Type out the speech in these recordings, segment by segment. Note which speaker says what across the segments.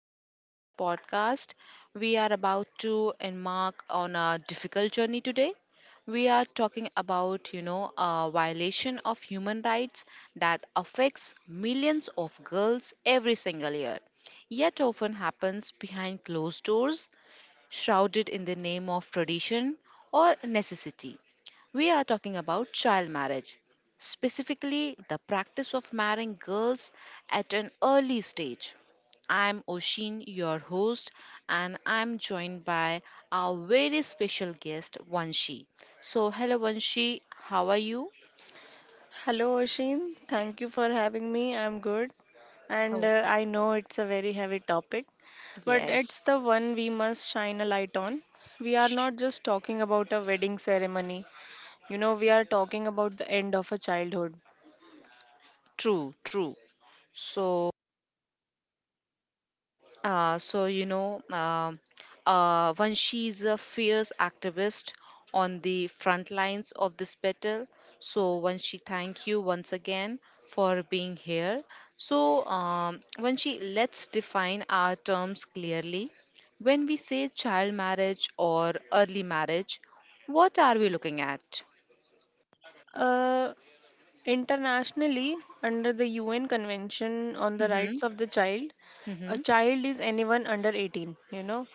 Speaker 1: welcome to my podcast. We are about to embark on a difficult journey today. We are talking about, you know, a violation of human rights that affects millions of girls every single year, yet often happens behind closed doors, shrouded in the name of tradition or necessity. We are talking about child marriage, specifically the practice of marrying girls at an early stage. I'm Oshin, your host, and I'm joined by our very special guest, Vanshi. So, hello, Vanshi, how are you?
Speaker 2: Hello, Ashin. Thank you for having me. I'm good. And
Speaker 1: Oh,
Speaker 2: uh, I know it's a very heavy topic, but
Speaker 1: yes.
Speaker 2: it's the one we must shine a light on. We are
Speaker 1: Sh-
Speaker 2: not just talking about a wedding ceremony, you know, we are talking about the end of a childhood.
Speaker 1: True, true. So, so you know, when she's a fierce activist on the front lines of this battle. So when she Thank you once again for being here. So when she Let's define our terms clearly. When we say child marriage or early marriage, what are we looking at?
Speaker 2: Uh, Internationally, under the UN Convention on the
Speaker 1: Mm-hmm.
Speaker 2: Rights of the Child, a
Speaker 1: Mm-hmm.
Speaker 2: child is anyone under 18, you know.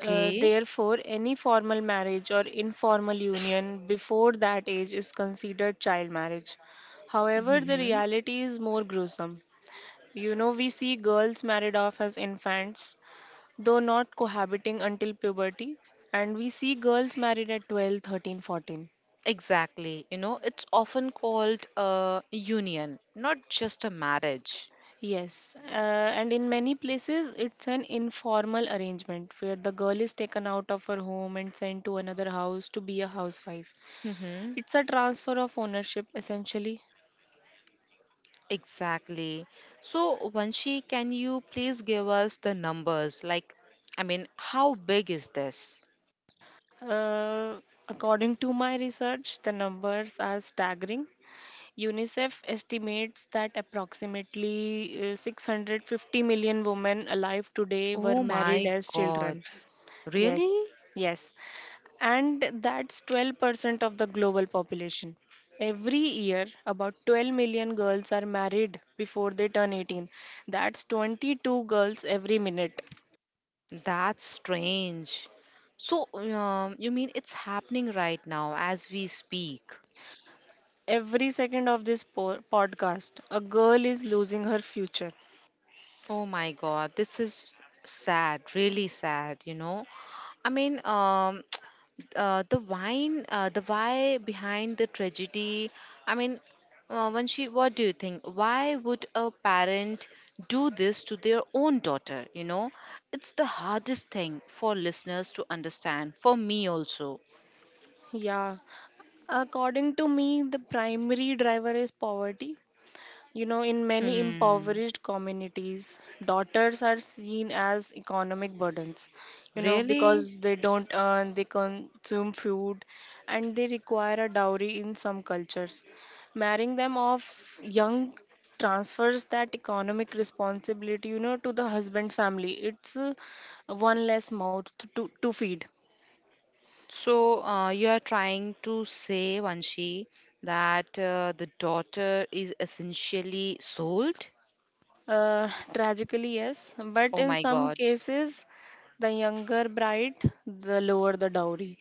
Speaker 2: Therefore, any formal marriage or informal union before that age is considered child marriage. However, the
Speaker 1: Mm-hmm.
Speaker 2: reality is more gruesome. You know, we see girls married off as infants, though not cohabiting until puberty, and we see girls married at 12, 13, 14.
Speaker 1: Exactly. You know, it's often called a union, not just a marriage.
Speaker 2: Yes, and in many places it's an informal arrangement where the girl is taken out of her home and sent to another house to be a housewife.
Speaker 1: Mm-hmm.
Speaker 2: It's a transfer of ownership essentially.
Speaker 1: Exactly. So, Vanshi, can you please give us the numbers? How big is this?
Speaker 2: Uh, According to my research, the numbers are staggering. UNICEF estimates that approximately 650 million women alive today were
Speaker 1: Oh
Speaker 2: married
Speaker 1: my
Speaker 2: as
Speaker 1: God.
Speaker 2: children. Yes,
Speaker 1: Really?
Speaker 2: yes. And that's 12% of the global population. Every year, about 12 million girls are married before they turn 18. That's 22 girls every minute.
Speaker 1: That's strange. You mean it's happening right now as we speak?
Speaker 2: Every second of this podcast, a girl is losing her future.
Speaker 1: Oh my God, this is sad, really sad, you know? I mean, um, the why behind the tragedy. I mean, Vanshi, what do you think? Why would a parent do this to their own daughter? You know, it's the hardest thing for listeners to understand, for me also.
Speaker 2: Yeah. According to me, the primary driver is poverty. You know, in many
Speaker 1: Hmm.
Speaker 2: impoverished communities, daughters are seen as economic burdens, you know,
Speaker 1: Really?
Speaker 2: because they don't earn, they consume food, and they require a dowry in some cultures. Marrying them off young transfers that economic responsibility, you know, to the husband's family. It's one less mouth to feed.
Speaker 1: So, you are trying to say, Vanshi, that the daughter is essentially sold?
Speaker 2: Tragically, yes, but
Speaker 1: Oh
Speaker 2: in
Speaker 1: my
Speaker 2: some
Speaker 1: God.
Speaker 2: cases, the younger bride, the lower the dowry.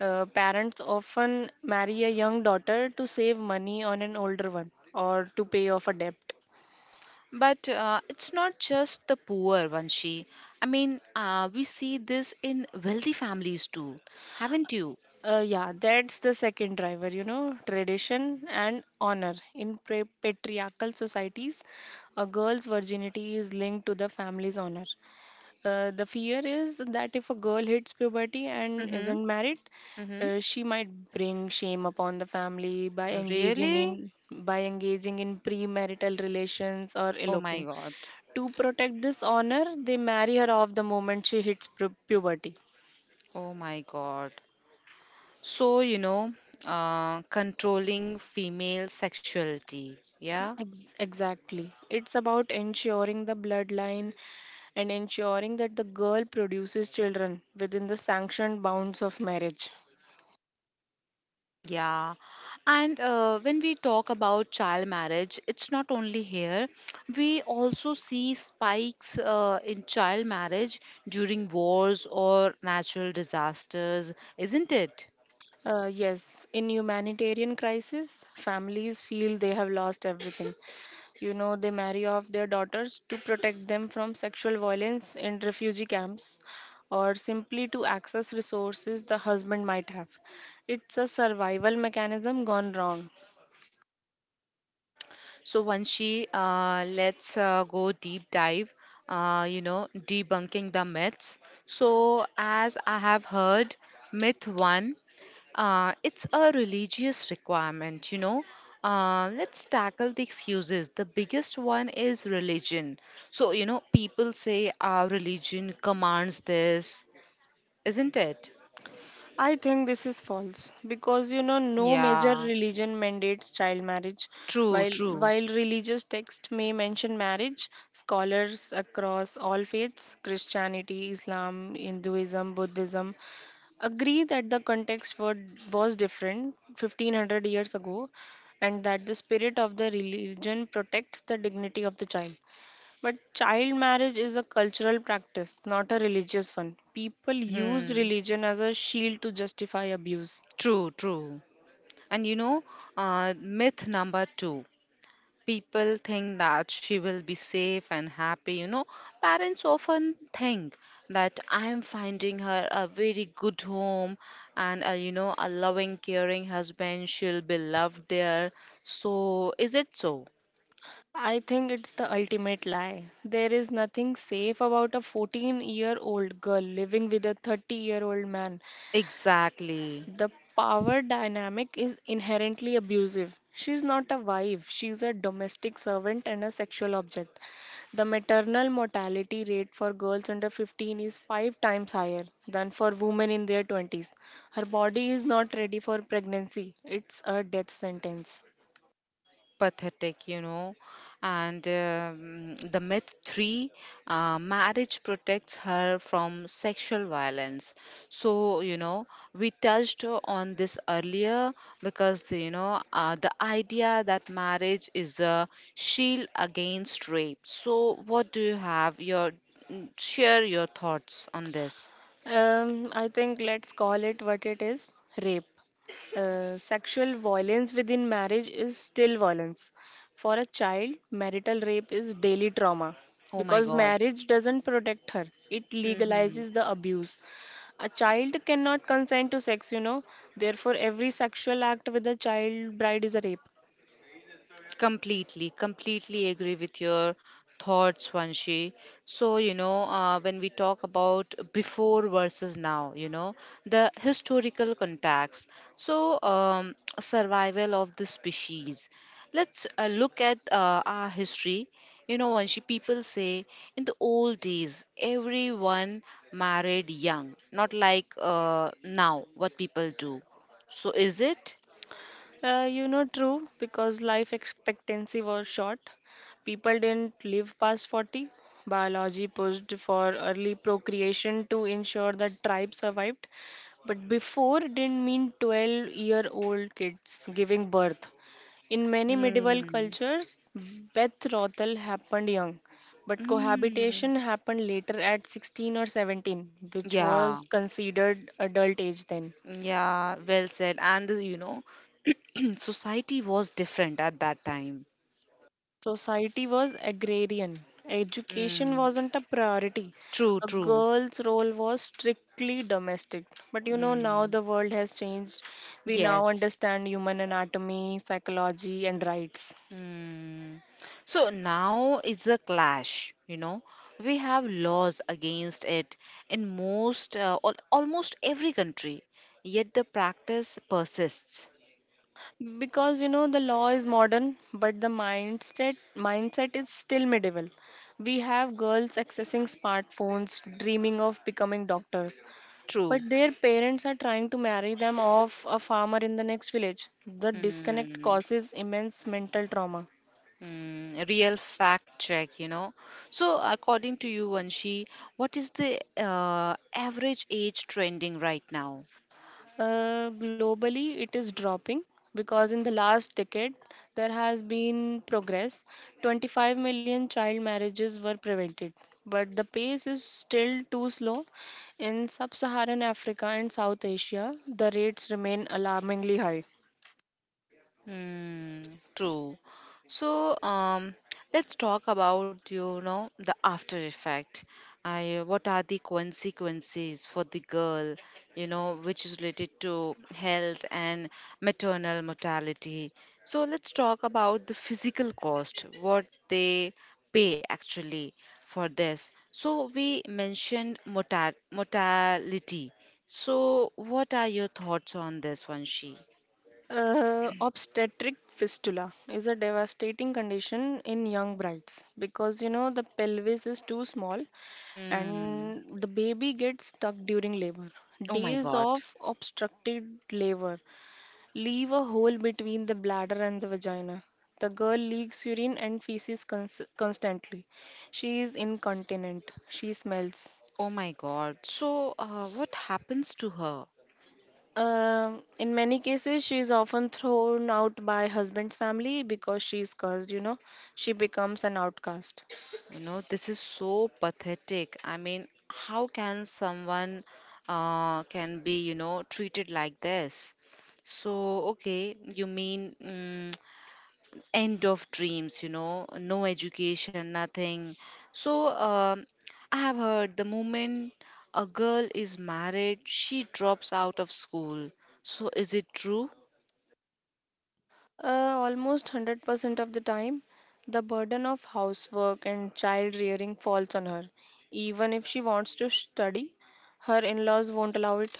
Speaker 2: Parents often marry a young daughter to save money on an older one or to pay off a debt.
Speaker 1: But it's not just the poor, Vanshi. We see this in wealthy families too, haven't you?
Speaker 2: Yeah, that's the second driver, you know, tradition and honor. In patriarchal societies, a girl's virginity is linked to the family's honor. The fear is that if a girl hits puberty and
Speaker 1: Mm-hmm.
Speaker 2: isn't married,
Speaker 1: Mm-hmm.
Speaker 2: she might bring shame upon the family
Speaker 1: Really?
Speaker 2: by engaging in premarital relations or
Speaker 1: Oh my
Speaker 2: eloping.
Speaker 1: God.
Speaker 2: To protect this honor, they marry her off the moment she hits puberty.
Speaker 1: Oh my God. So, you know, controlling female sexuality, yeah?
Speaker 2: Exactly. It's about ensuring the bloodline and ensuring that the girl produces children within the sanctioned bounds of marriage.
Speaker 1: Mm, yeah, and when we talk about child marriage, it's not only here. We also see spikes in child marriage during wars or natural disasters, isn't it?
Speaker 2: Yes, in humanitarian crisis, families feel they have lost everything. You know, they marry off their daughters to protect them from sexual violence in refugee camps or simply to access resources the husband might have. It's a survival mechanism gone wrong.
Speaker 1: So Vanshi, let's go deep dive, you know, debunking the myths. So as I have heard, myth one, it's a religious requirement, you know. Let's tackle the excuses. The biggest one is religion. So, you know, people say our religion commands this, isn't it?
Speaker 2: I think this is false because you know no major
Speaker 1: Yeah,
Speaker 2: religion mandates child marriage.
Speaker 1: true,
Speaker 2: While
Speaker 1: true.
Speaker 2: while religious texts may mention marriage, scholars across all faiths, Christianity, Islam, Hinduism, Buddhism, agree that was different 1500 years ago and that the spirit of the religion protects the dignity of the child. But child marriage is a cultural practice, not a religious one. People use
Speaker 1: Hmm.
Speaker 2: religion as a shield to justify abuse.
Speaker 1: True, true. And you know, myth number two, people think that she will be safe and happy. You know, parents often think that I am finding her a very good home and, a, you know, a loving, caring husband. She'll be loved there. So, is it so?
Speaker 2: I think it's the ultimate lie. There is nothing safe about a 14-year-old girl living with a 30-year-old man.
Speaker 1: Exactly.
Speaker 2: The power dynamic is inherently abusive. She's not a wife, she's a domestic servant and a sexual object. The maternal mortality rate for girls under 15 is five times higher than for women in their 20s. Her body is not ready for pregnancy, it's a death sentence.
Speaker 1: Pathetic, you know. And the myth three, marriage protects her from sexual violence. So, you know, we touched on this earlier because, you know, the idea that marriage is a shield against rape. So, what do you have? Share your thoughts on this.
Speaker 2: I think let's call it what it is, rape. Sexual violence within marriage is still violence. For a child, marital rape is daily trauma
Speaker 1: Oh my
Speaker 2: because
Speaker 1: God.
Speaker 2: marriage doesn't protect her, it
Speaker 1: Hmm.
Speaker 2: legalizes the abuse. A child cannot consent to sex, you know, therefore, every sexual act with a child bride is a rape.
Speaker 1: Completely, completely agree with your thoughts, Vanshi. So, you know, when we talk about before versus now, you know, the historical context. Survival of the species. Let's look at our history. You know, Vanshi, people say in the old days, everyone married young, not like now what people do. So, is it?
Speaker 2: You know, true, because life expectancy was short. People didn't live past 40. Biology pushed for early procreation to ensure that tribes survived. But before didn't mean 12-year-old kids giving birth. In many medieval
Speaker 1: Hmm.
Speaker 2: cultures, betrothal happened young, but
Speaker 1: Hmm.
Speaker 2: cohabitation happened later at 16 or 17, which
Speaker 1: Yeah,
Speaker 2: was considered adult age then.
Speaker 1: yeah, well said. And you know, society was different at that time.
Speaker 2: Society was agrarian. Education
Speaker 1: Mm,
Speaker 2: wasn't a priority.
Speaker 1: true,
Speaker 2: A
Speaker 1: true.
Speaker 2: girl's role was strictly domestic. But you know, now
Speaker 1: Mm,
Speaker 2: the world has changed. We now
Speaker 1: yes.
Speaker 2: understand human anatomy, psychology, and rights.
Speaker 1: Mm. So now it's a clash, you know. We have laws against it in most, al almost every country, yet the practice persists.
Speaker 2: Because you know, the law is modern, but the mindset is still medieval. We have girls accessing smartphones, dreaming of becoming doctors, but
Speaker 1: True.
Speaker 2: their parents are trying to marry them off a farmer in the next village. The disconnect
Speaker 1: Hmm.
Speaker 2: causes immense mental trauma.
Speaker 1: Mm, real fact check, you know. So, according to you, Vanshi, what is the average age trending right now?
Speaker 2: Globally, it is dropping because in the last decade there has been progress. 25 million child marriages were prevented, but the pace is still too slow. In sub Saharan Africa and South Asia, the rates remain alarmingly high.
Speaker 1: Hmm. True. So, let's talk about, you know, the after effect. I What are the consequences for the girl? You know, which is related to health and maternal mortality. So let's talk about the physical cost. What they pay actually for this. So we mentioned mortal mortality. So what are your thoughts on this, Vanshi?
Speaker 2: Obstetric fistula is a devastating condition in young brides because you know the pelvis is too small
Speaker 1: Hmm.
Speaker 2: and the baby gets stuck during labor.
Speaker 1: Oh my
Speaker 2: Days
Speaker 1: god.
Speaker 2: of obstructed labor leave a hole between the bladder and the vagina. The girl leaks urine and feces constantly. She is incontinent. She smells.
Speaker 1: Oh my god. So, what happens to her?
Speaker 2: In many cases, she is often thrown out by husband's family because she is cursed, you know. She becomes an outcast.
Speaker 1: You know, this is so pathetic. I mean, how can someone can be, you know, treated like this? So, okay, you mean mm, end of dreams, you know, no education, nothing. So, um, I have heard the moment a girl is married, she drops out of school. So, is it true?
Speaker 2: Uh, almost 100% of the time, the burden of housework and child rearing falls on her. Even if she wants to study, her in laws won't allow it.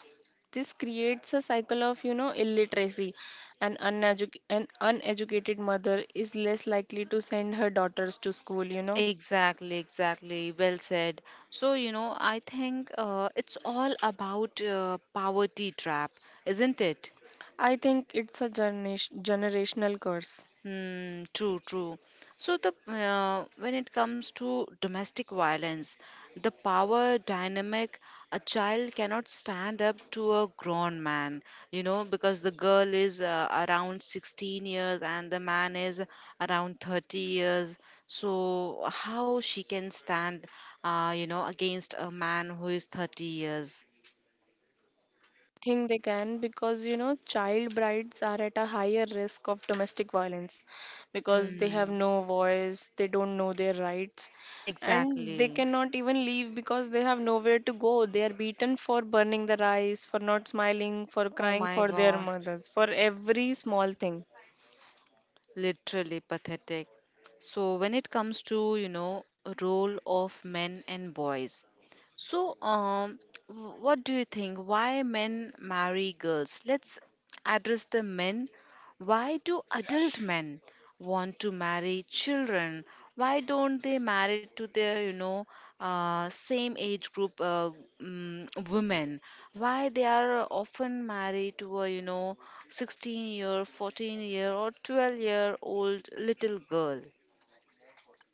Speaker 2: This creates a cycle of, you know, illiteracy. An uneducated mother is less likely to send her daughters to school, you know.
Speaker 1: Exactly, exactly. Well said. So, you know, I think it's all about poverty trap, isn't it?
Speaker 2: I think it's a generational curse.
Speaker 1: Hmm, true, true. So the when it comes to domestic violence, the power dynamic, a child cannot stand up to a grown man, you know, because the girl is around 16 years and the man is around 30 years. So how she can stand, you know, against a man who is 30 years?
Speaker 2: Think they can because you know child brides are at a higher risk of domestic violence because they have
Speaker 1: Hmm,
Speaker 2: no voice, they don't know their rights, and they
Speaker 1: exactly.
Speaker 2: cannot even leave because they have nowhere to go. They are beaten for burning the rice, for not smiling, for
Speaker 1: Oh
Speaker 2: crying
Speaker 1: my
Speaker 2: for their
Speaker 1: God.
Speaker 2: mothers, for every small thing.
Speaker 1: Literally pathetic. So when it comes to, you know, role of men and boys, so what do you think? Why men marry girls? Let's address the men. Why do adult men want to marry children? Why don't they marry to their, you know, same age group women? Why they are often married to a, you know, 16 year, 14 year, or 12-year-old little girl.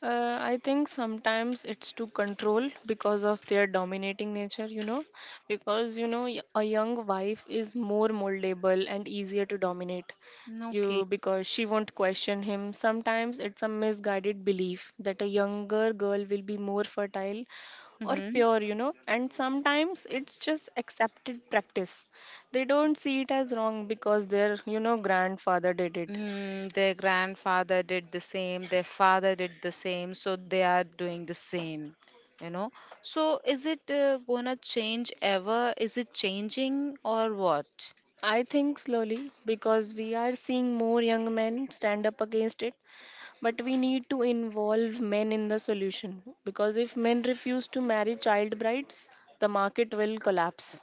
Speaker 2: I think sometimes it's to control because of their dominating nature, you know, because you know a young wife is more moldable and easier to dominate
Speaker 1: Okay.
Speaker 2: you because she won't question him. Sometimes it's a misguided belief that a younger girl will be more fertile or
Speaker 1: Mm-hmm.
Speaker 2: pure, you know, and sometimes it's just accepted practice. They don't see it as wrong because their, you know, grandfather did it.
Speaker 1: Mm, their grandfather did the same, their father did the same, so they are doing the same, you know. So is it gonna change ever? Is it changing or what?
Speaker 2: I think slowly because we are seeing more young men stand up against it, but we need to involve men in the solution because if men refuse to marry child brides, the market will collapse.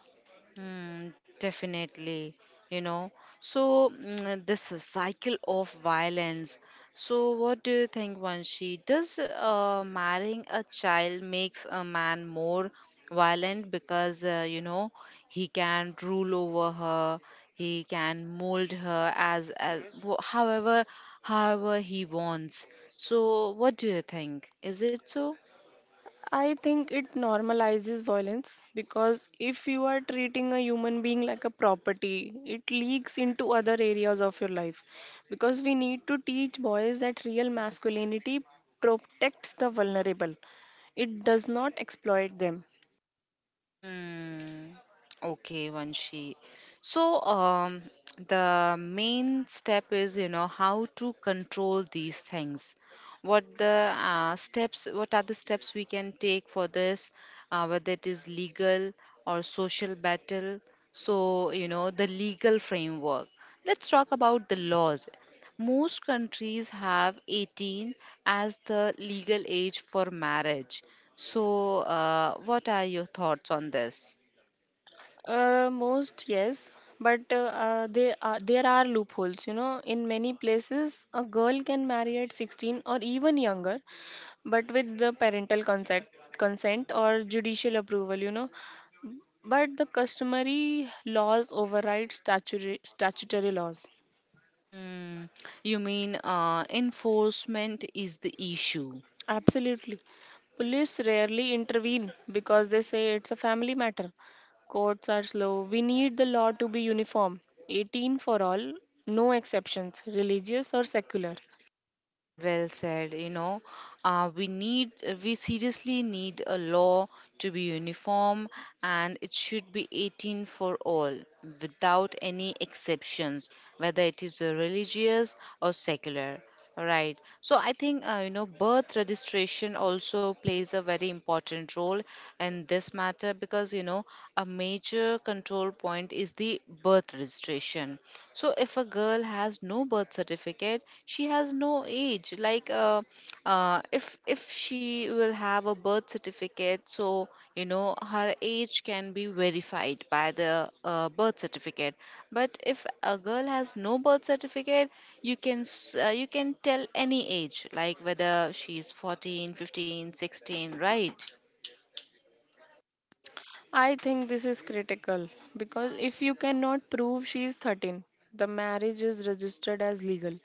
Speaker 1: Mm, definitely, you know. So mm, this cycle of violence. So what do you think, Vanshi? Does marrying a child makes a man more violent because you know he can rule over her, he can mold her as however he wants. So what do you think? Is it so?
Speaker 2: I think it normalizes violence because if you are treating a human being like a property, it leaks into other areas of your life. Because we need to teach boys that real masculinity protects the vulnerable, it does not exploit them.
Speaker 1: Hmm. Okay, Vanshi. So, the main step is, you know, how to control these things. What are the steps we can take for this? Whether it is legal or social battle. So, you know, the legal framework. Let's talk about the laws. Most countries have 18 as the legal age for marriage. So, what are your thoughts on this?
Speaker 2: Most yes, but there are loopholes. You know, in many places, a girl can marry at 16 or even younger, but with the parental consent or judicial approval. You know, but the customary laws override statutory laws.
Speaker 1: Hmm, you mean enforcement is the issue?
Speaker 2: Absolutely. Police rarely intervene because they say it's a family matter. Courts are slow. We need the law to be uniform, 18 for all, no exceptions, religious or secular.
Speaker 1: Well said, you know, uh, we need, we seriously need a law to be uniform and it should be 18 for all without any exceptions, whether it is a religious or secular. Right. So I think, you know, birth registration also plays a very important role in this matter because, you know, a major control point is the birth registration. So if a girl has no birth certificate she has no age, like if she will have a birth certificate, so you know her age can be verified by the birth certificate. But if a girl has no birth certificate you can you can tell any age, like whether she is 14, 15, 16, right?
Speaker 2: I think this is critical because if you cannot prove she is 13, the marriage is registered as legal.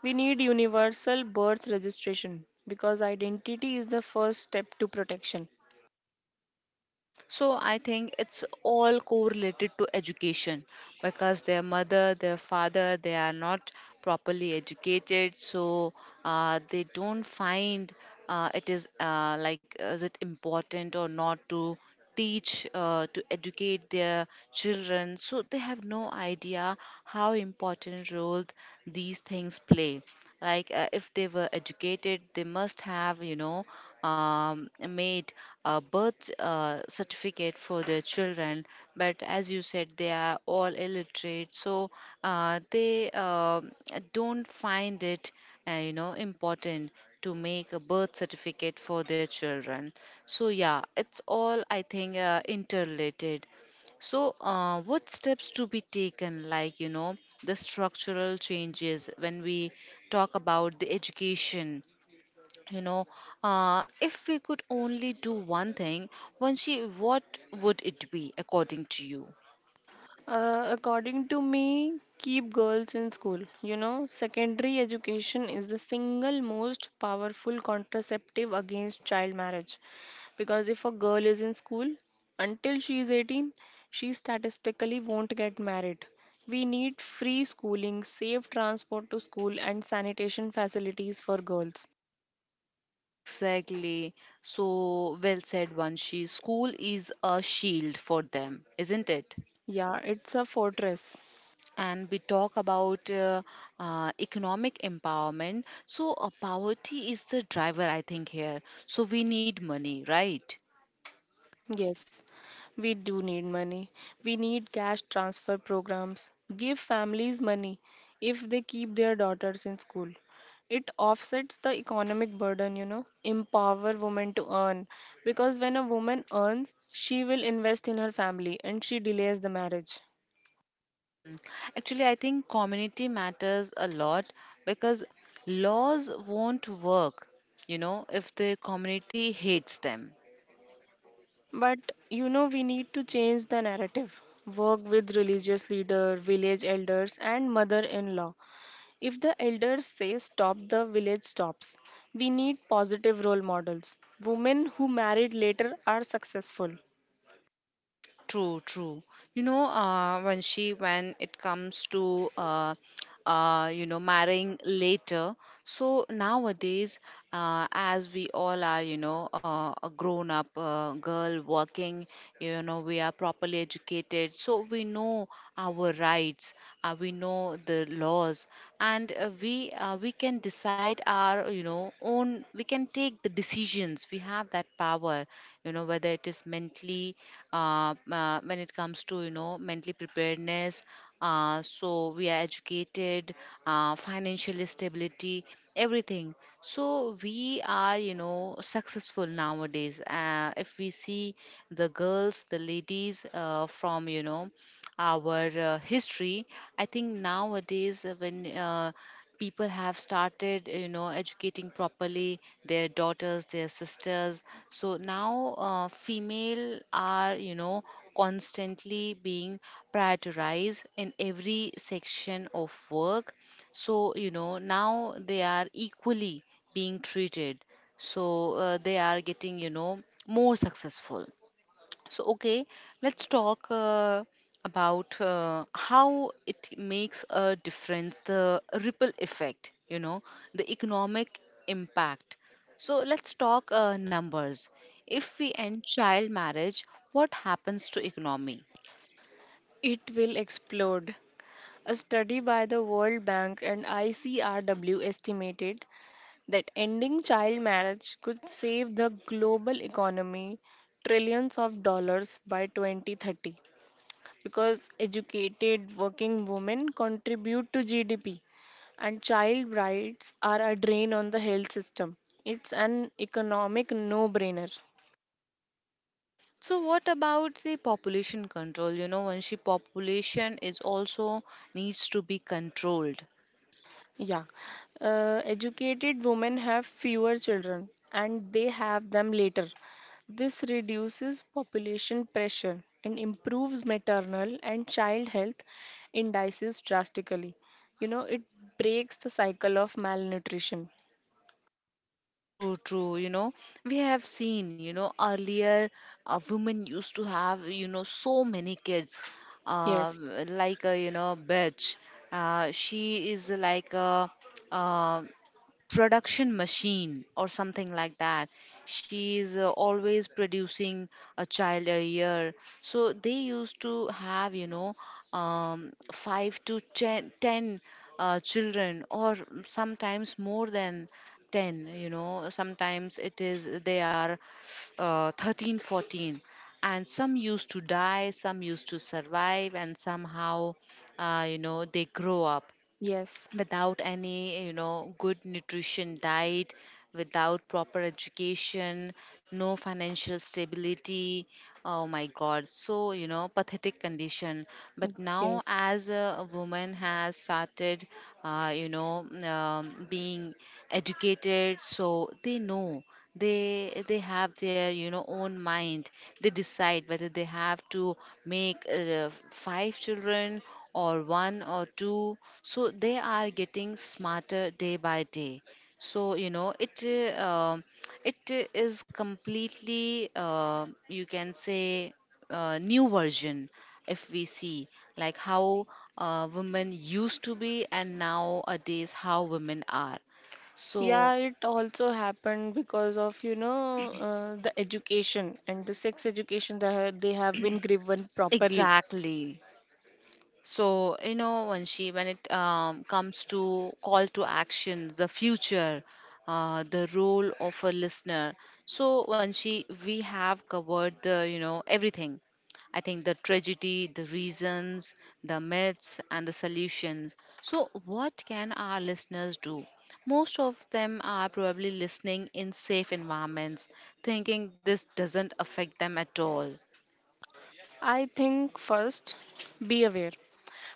Speaker 2: We need universal birth registration because identity is the first step to protection.
Speaker 1: So I think it's all correlated to education because their mother, their father, they are not properly educated, so they don't find it is like is it important or not to teach to educate their children, so they have no idea how important role these things play, like if they were educated they must have, you know, made a birth certificate for their children, but as you said they are all illiterate, so they don't find it, you know, important to make a birth certificate for their children. So yeah, it's all, I think interrelated. So, what steps to be taken, like, you know, the structural changes when we talk about the education? You know, if we could only do one thing, Vanshi, what would it be according to you?
Speaker 2: According to me, keep girls in school. You know, secondary education is the single most powerful contraceptive against child marriage. Because if a girl is in school until she is 18, she statistically won't get married. We need free schooling, safe transport to school, and sanitation facilities for girls.
Speaker 1: Exactly. So well said, Vanshi. School is a shield for them, isn't it?
Speaker 2: Yeah, it's a fortress.
Speaker 1: And we talk about economic empowerment. So, poverty is the driver, I think, here. So, we need money, right?
Speaker 2: Yes, we do need money. We need cash transfer programs. Give families money if they keep their daughters in school. It offsets the economic burden, you know. Empower women to earn. Because when a woman earns, she will invest in her family and she delays the marriage.
Speaker 1: Actually, I think community matters a lot because laws won't work, you know, if the community hates them.
Speaker 2: But you know, we need to change the narrative. Work with religious leader, village elders, and mother in law. If the elders say stop, the village stops. We need positive role models. Women who married later are successful.
Speaker 1: True, true. You know, Vanshi, when it comes to you know marrying later, so nowadays, as we all are, you know, a grown-up girl working, you know, we are properly educated, so we know our rights, we know the laws, and we we can decide our, you know, own. We can take the decisions. We have that power, you know, whether it is mentally when it comes to mentally preparedness. So we are educated, financial stability, everything. So we are successful nowadays, if we see the girls, the ladies, from our history. I think nowadays, when people have started educating properly their daughters, their sisters. So now female are constantly being prioritized in every section of work. So now they are equally being treated. So they are getting more successful. So, okay, let's talk about how it makes a difference, the ripple effect, the economic impact. So, let's talk numbers. If we end child marriage, what happens to economy?
Speaker 2: It will explode. A study by the World Bank and ICRW estimated that ending child marriage could save the global economy trillions of dollars by 2030, because educated working women contribute to GDP and child brides are a drain on the health system. It's an economic no brainer.
Speaker 1: So what about the population control? You know, Vanshi, population is also needs to be controlled.
Speaker 2: Yeah. Educated women have fewer children and they have them later. This reduces population pressure and improves maternal and child health indices drastically. You know, it breaks the cycle of malnutrition.
Speaker 1: True, true. You know, we have seen, you know, earlier, women used to have, you know, so many kids,
Speaker 2: Yes.
Speaker 1: like a, you know, bitch. She is like a, uh, production machine or something like that. She is always producing a child a year. So they used to have, 5 to 10, ten children, or sometimes more than 10. You know, sometimes it is they are 13, 14. And some used to die, some used to survive, and somehow, they grow up
Speaker 2: Yes.
Speaker 1: without any, good nutrition diet, without proper education, no financial stability. Oh my god, so pathetic condition. But
Speaker 2: Yes.
Speaker 1: now as a woman has started, being educated, so they know, they have their, own mind. They decide whether they have to make five children or one or two. So they are getting smarter day by day. So you know it uh, um, it is completely you can say new version if we see, like how women used to be and nowadays how women are. So
Speaker 2: Yeah, it also happened because of, you know, the education and the sex education that they have been given properly.
Speaker 1: exactly. So when it comes to call to action, the future, the role of a listener. So when she we have covered the you know everything. I think the tragedy, the reasons, the myths and the solutions. So what can our listeners do? Most of them are probably listening in safe environments, thinking this doesn't affect them at all.
Speaker 2: I think first, be aware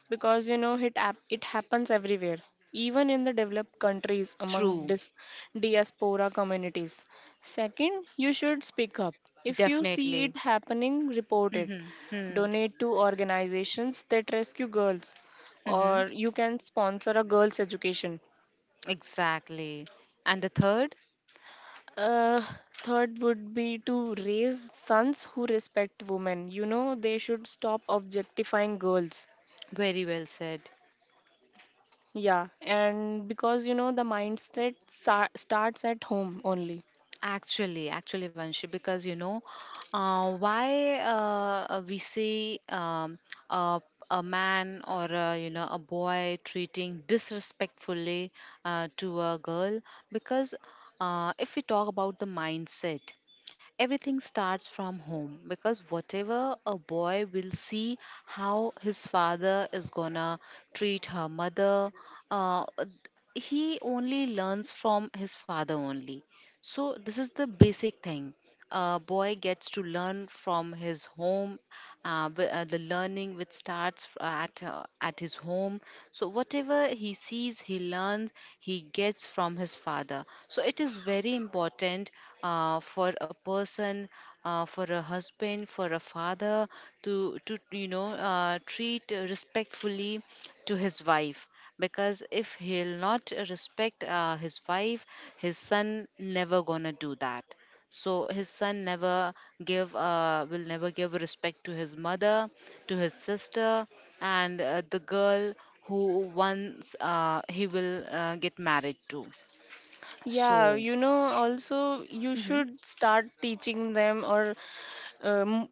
Speaker 2: because, you know, it, it happens everywhere, even in the developed countries among
Speaker 1: True.
Speaker 2: diaspora communities. Second, you should speak up. If you see
Speaker 1: Definitely.
Speaker 2: it happening, report it.
Speaker 1: Hmm, hmm.
Speaker 2: Donate to organizations that rescue girls,
Speaker 1: Mm-hmm.
Speaker 2: or you can sponsor a girls' education.
Speaker 1: Exactly. And the third,
Speaker 2: Uh, Third would be to raise sons who respect women. You know, they should stop objectifying girls.
Speaker 1: very well said.
Speaker 2: Yeah, and because you know the mindset starts at home only.
Speaker 1: Actually, actually, Vanshi, because you know, why we see a, a man or a, you know, a boy treating disrespectfully to a girl? Because, if we talk about the mindset, everything starts from home, because whatever a boy will see, how his father is gonna treat her mother, uh, he only learns from his father only. So, this is the basic thing. A boy gets to learn from his home. The learning which starts at his home. So whatever he sees, he learns. He gets from his father. So it is very important for a person, for a husband, for a father to treat respectfully to his wife. Because if he'll not respect his wife, his son never gonna do that. So his son never give will never give respect to his mother, to his sister, and the girl who once he will get married to.
Speaker 2: Yeah,
Speaker 1: So
Speaker 2: you know, also you
Speaker 1: mhm.
Speaker 2: should start teaching them or um,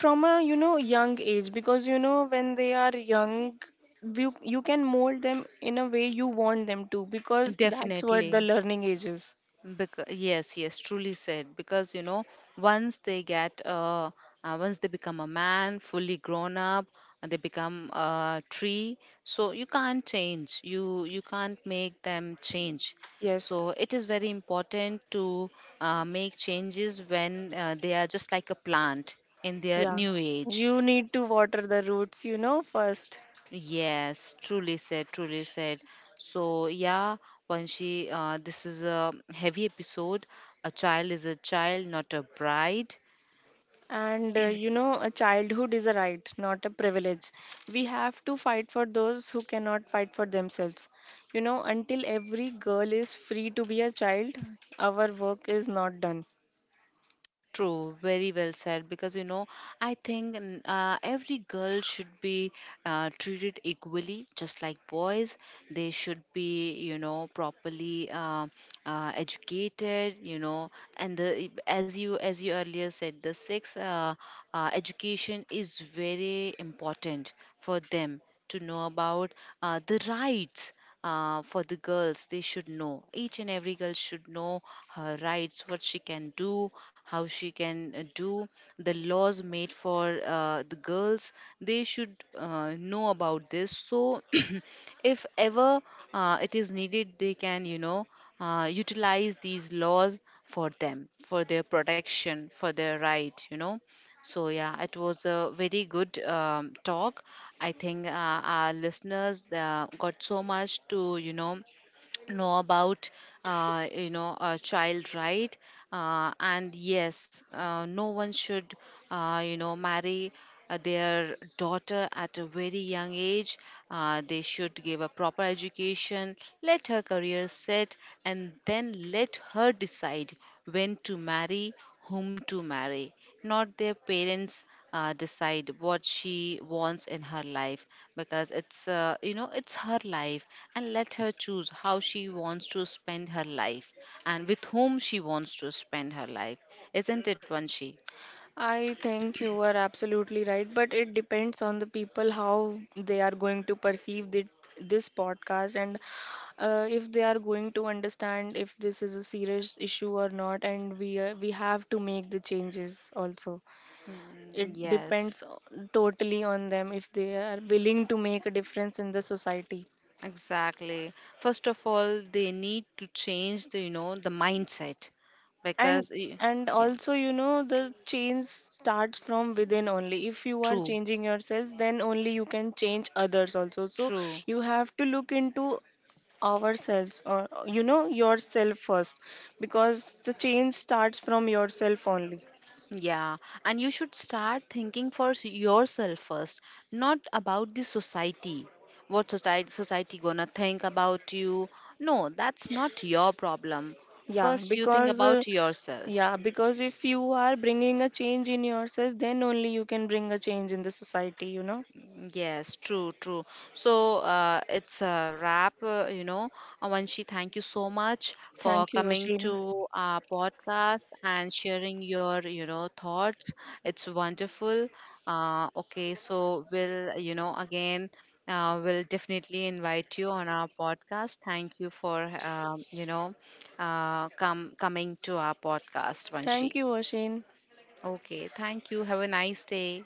Speaker 2: from a you know young age because you know when they are young, you can mold them in a way you want them to because that's what the
Speaker 1: Definitely.
Speaker 2: learning age is.
Speaker 1: Because, yes, yes, truly said. Because you know, once they get, once they become a man, fully grown up, and they become a tree. So you can't change. You can't make them change. So
Speaker 2: Yes.
Speaker 1: it is very important to make changes when they are just like a plant in their
Speaker 2: Yeah,
Speaker 1: new age.
Speaker 2: you need to water the roots, you know, first.
Speaker 1: Yes, truly said, truly said. So, yeah, Vanshi, this is a heavy episode. A child is a child, not a bride.
Speaker 2: And you know, a childhood is a right, not a privilege. We have to fight for those who cannot fight for themselves. You know, until every girl is free to be a child, our work is not done.
Speaker 1: True, very well said. Because you know, I think every girl should be treated equally, just like boys. They should be, you know, properly educated. You know, and the as you earlier said, the sex education is very important for them, to know about the rights. For the girls, they should know, each and every girl should know her rights, what she can do, how she can do, the laws made for the girls. They should know about this. So if ever it is needed, they can, you know, utilize these laws for them, for their protection, for their right, you know. So, yeah, it was a very good talk. I think our listeners got so much to, you know about, a child right. And yes, no one should, marry their daughter at a very young age. They should give a proper education, let her career set, and then let her decide when to marry, whom to marry, not their parents decide what she wants in her life. Because it's, it's her life, and let her choose how she wants to spend her life, and with whom she wants to spend her life. Isn't it, Vanshi?
Speaker 2: I think you are absolutely right, but it depends on the people how they are going to perceive this podcast and if they are going to understand if this is a serious issue or not. And we have to make the changes also.
Speaker 1: Mm,
Speaker 2: It depends
Speaker 1: yes.
Speaker 2: totally on them if they are willing to make a difference in the society.
Speaker 1: Exactly. First of all, they need to change the you know the mindset,
Speaker 2: and
Speaker 1: because
Speaker 2: and
Speaker 1: yeah,
Speaker 2: also you know the change starts from within only if you are
Speaker 1: true,
Speaker 2: changing yourselves then only you can change others also. So
Speaker 1: true.
Speaker 2: you have to look into ourselves or you know yourself first because the change starts from yourself only.
Speaker 1: Yeah, and you should start thinking for yourself first, not about the society. What society gonna think about you? No, that's not your problem.
Speaker 2: Yeah
Speaker 1: First you think
Speaker 2: because
Speaker 1: about yourself.
Speaker 2: yeah because if you are bringing a change in yourself then only you can bring a change in the society you know.
Speaker 1: Yes, true, true. So it's a wrap, Avanshi, thank you so much for
Speaker 2: Thank you,
Speaker 1: coming
Speaker 2: Ashin.
Speaker 1: to our podcast and sharing your, you know, thoughts. It's wonderful. Okay, so we'll, you know, again, we'll definitely invite you on our podcast. Thank you for, you know, come coming to our podcast, Vanshi.
Speaker 2: Thank you, Ashin.
Speaker 1: Okay, thank you. Have a nice day.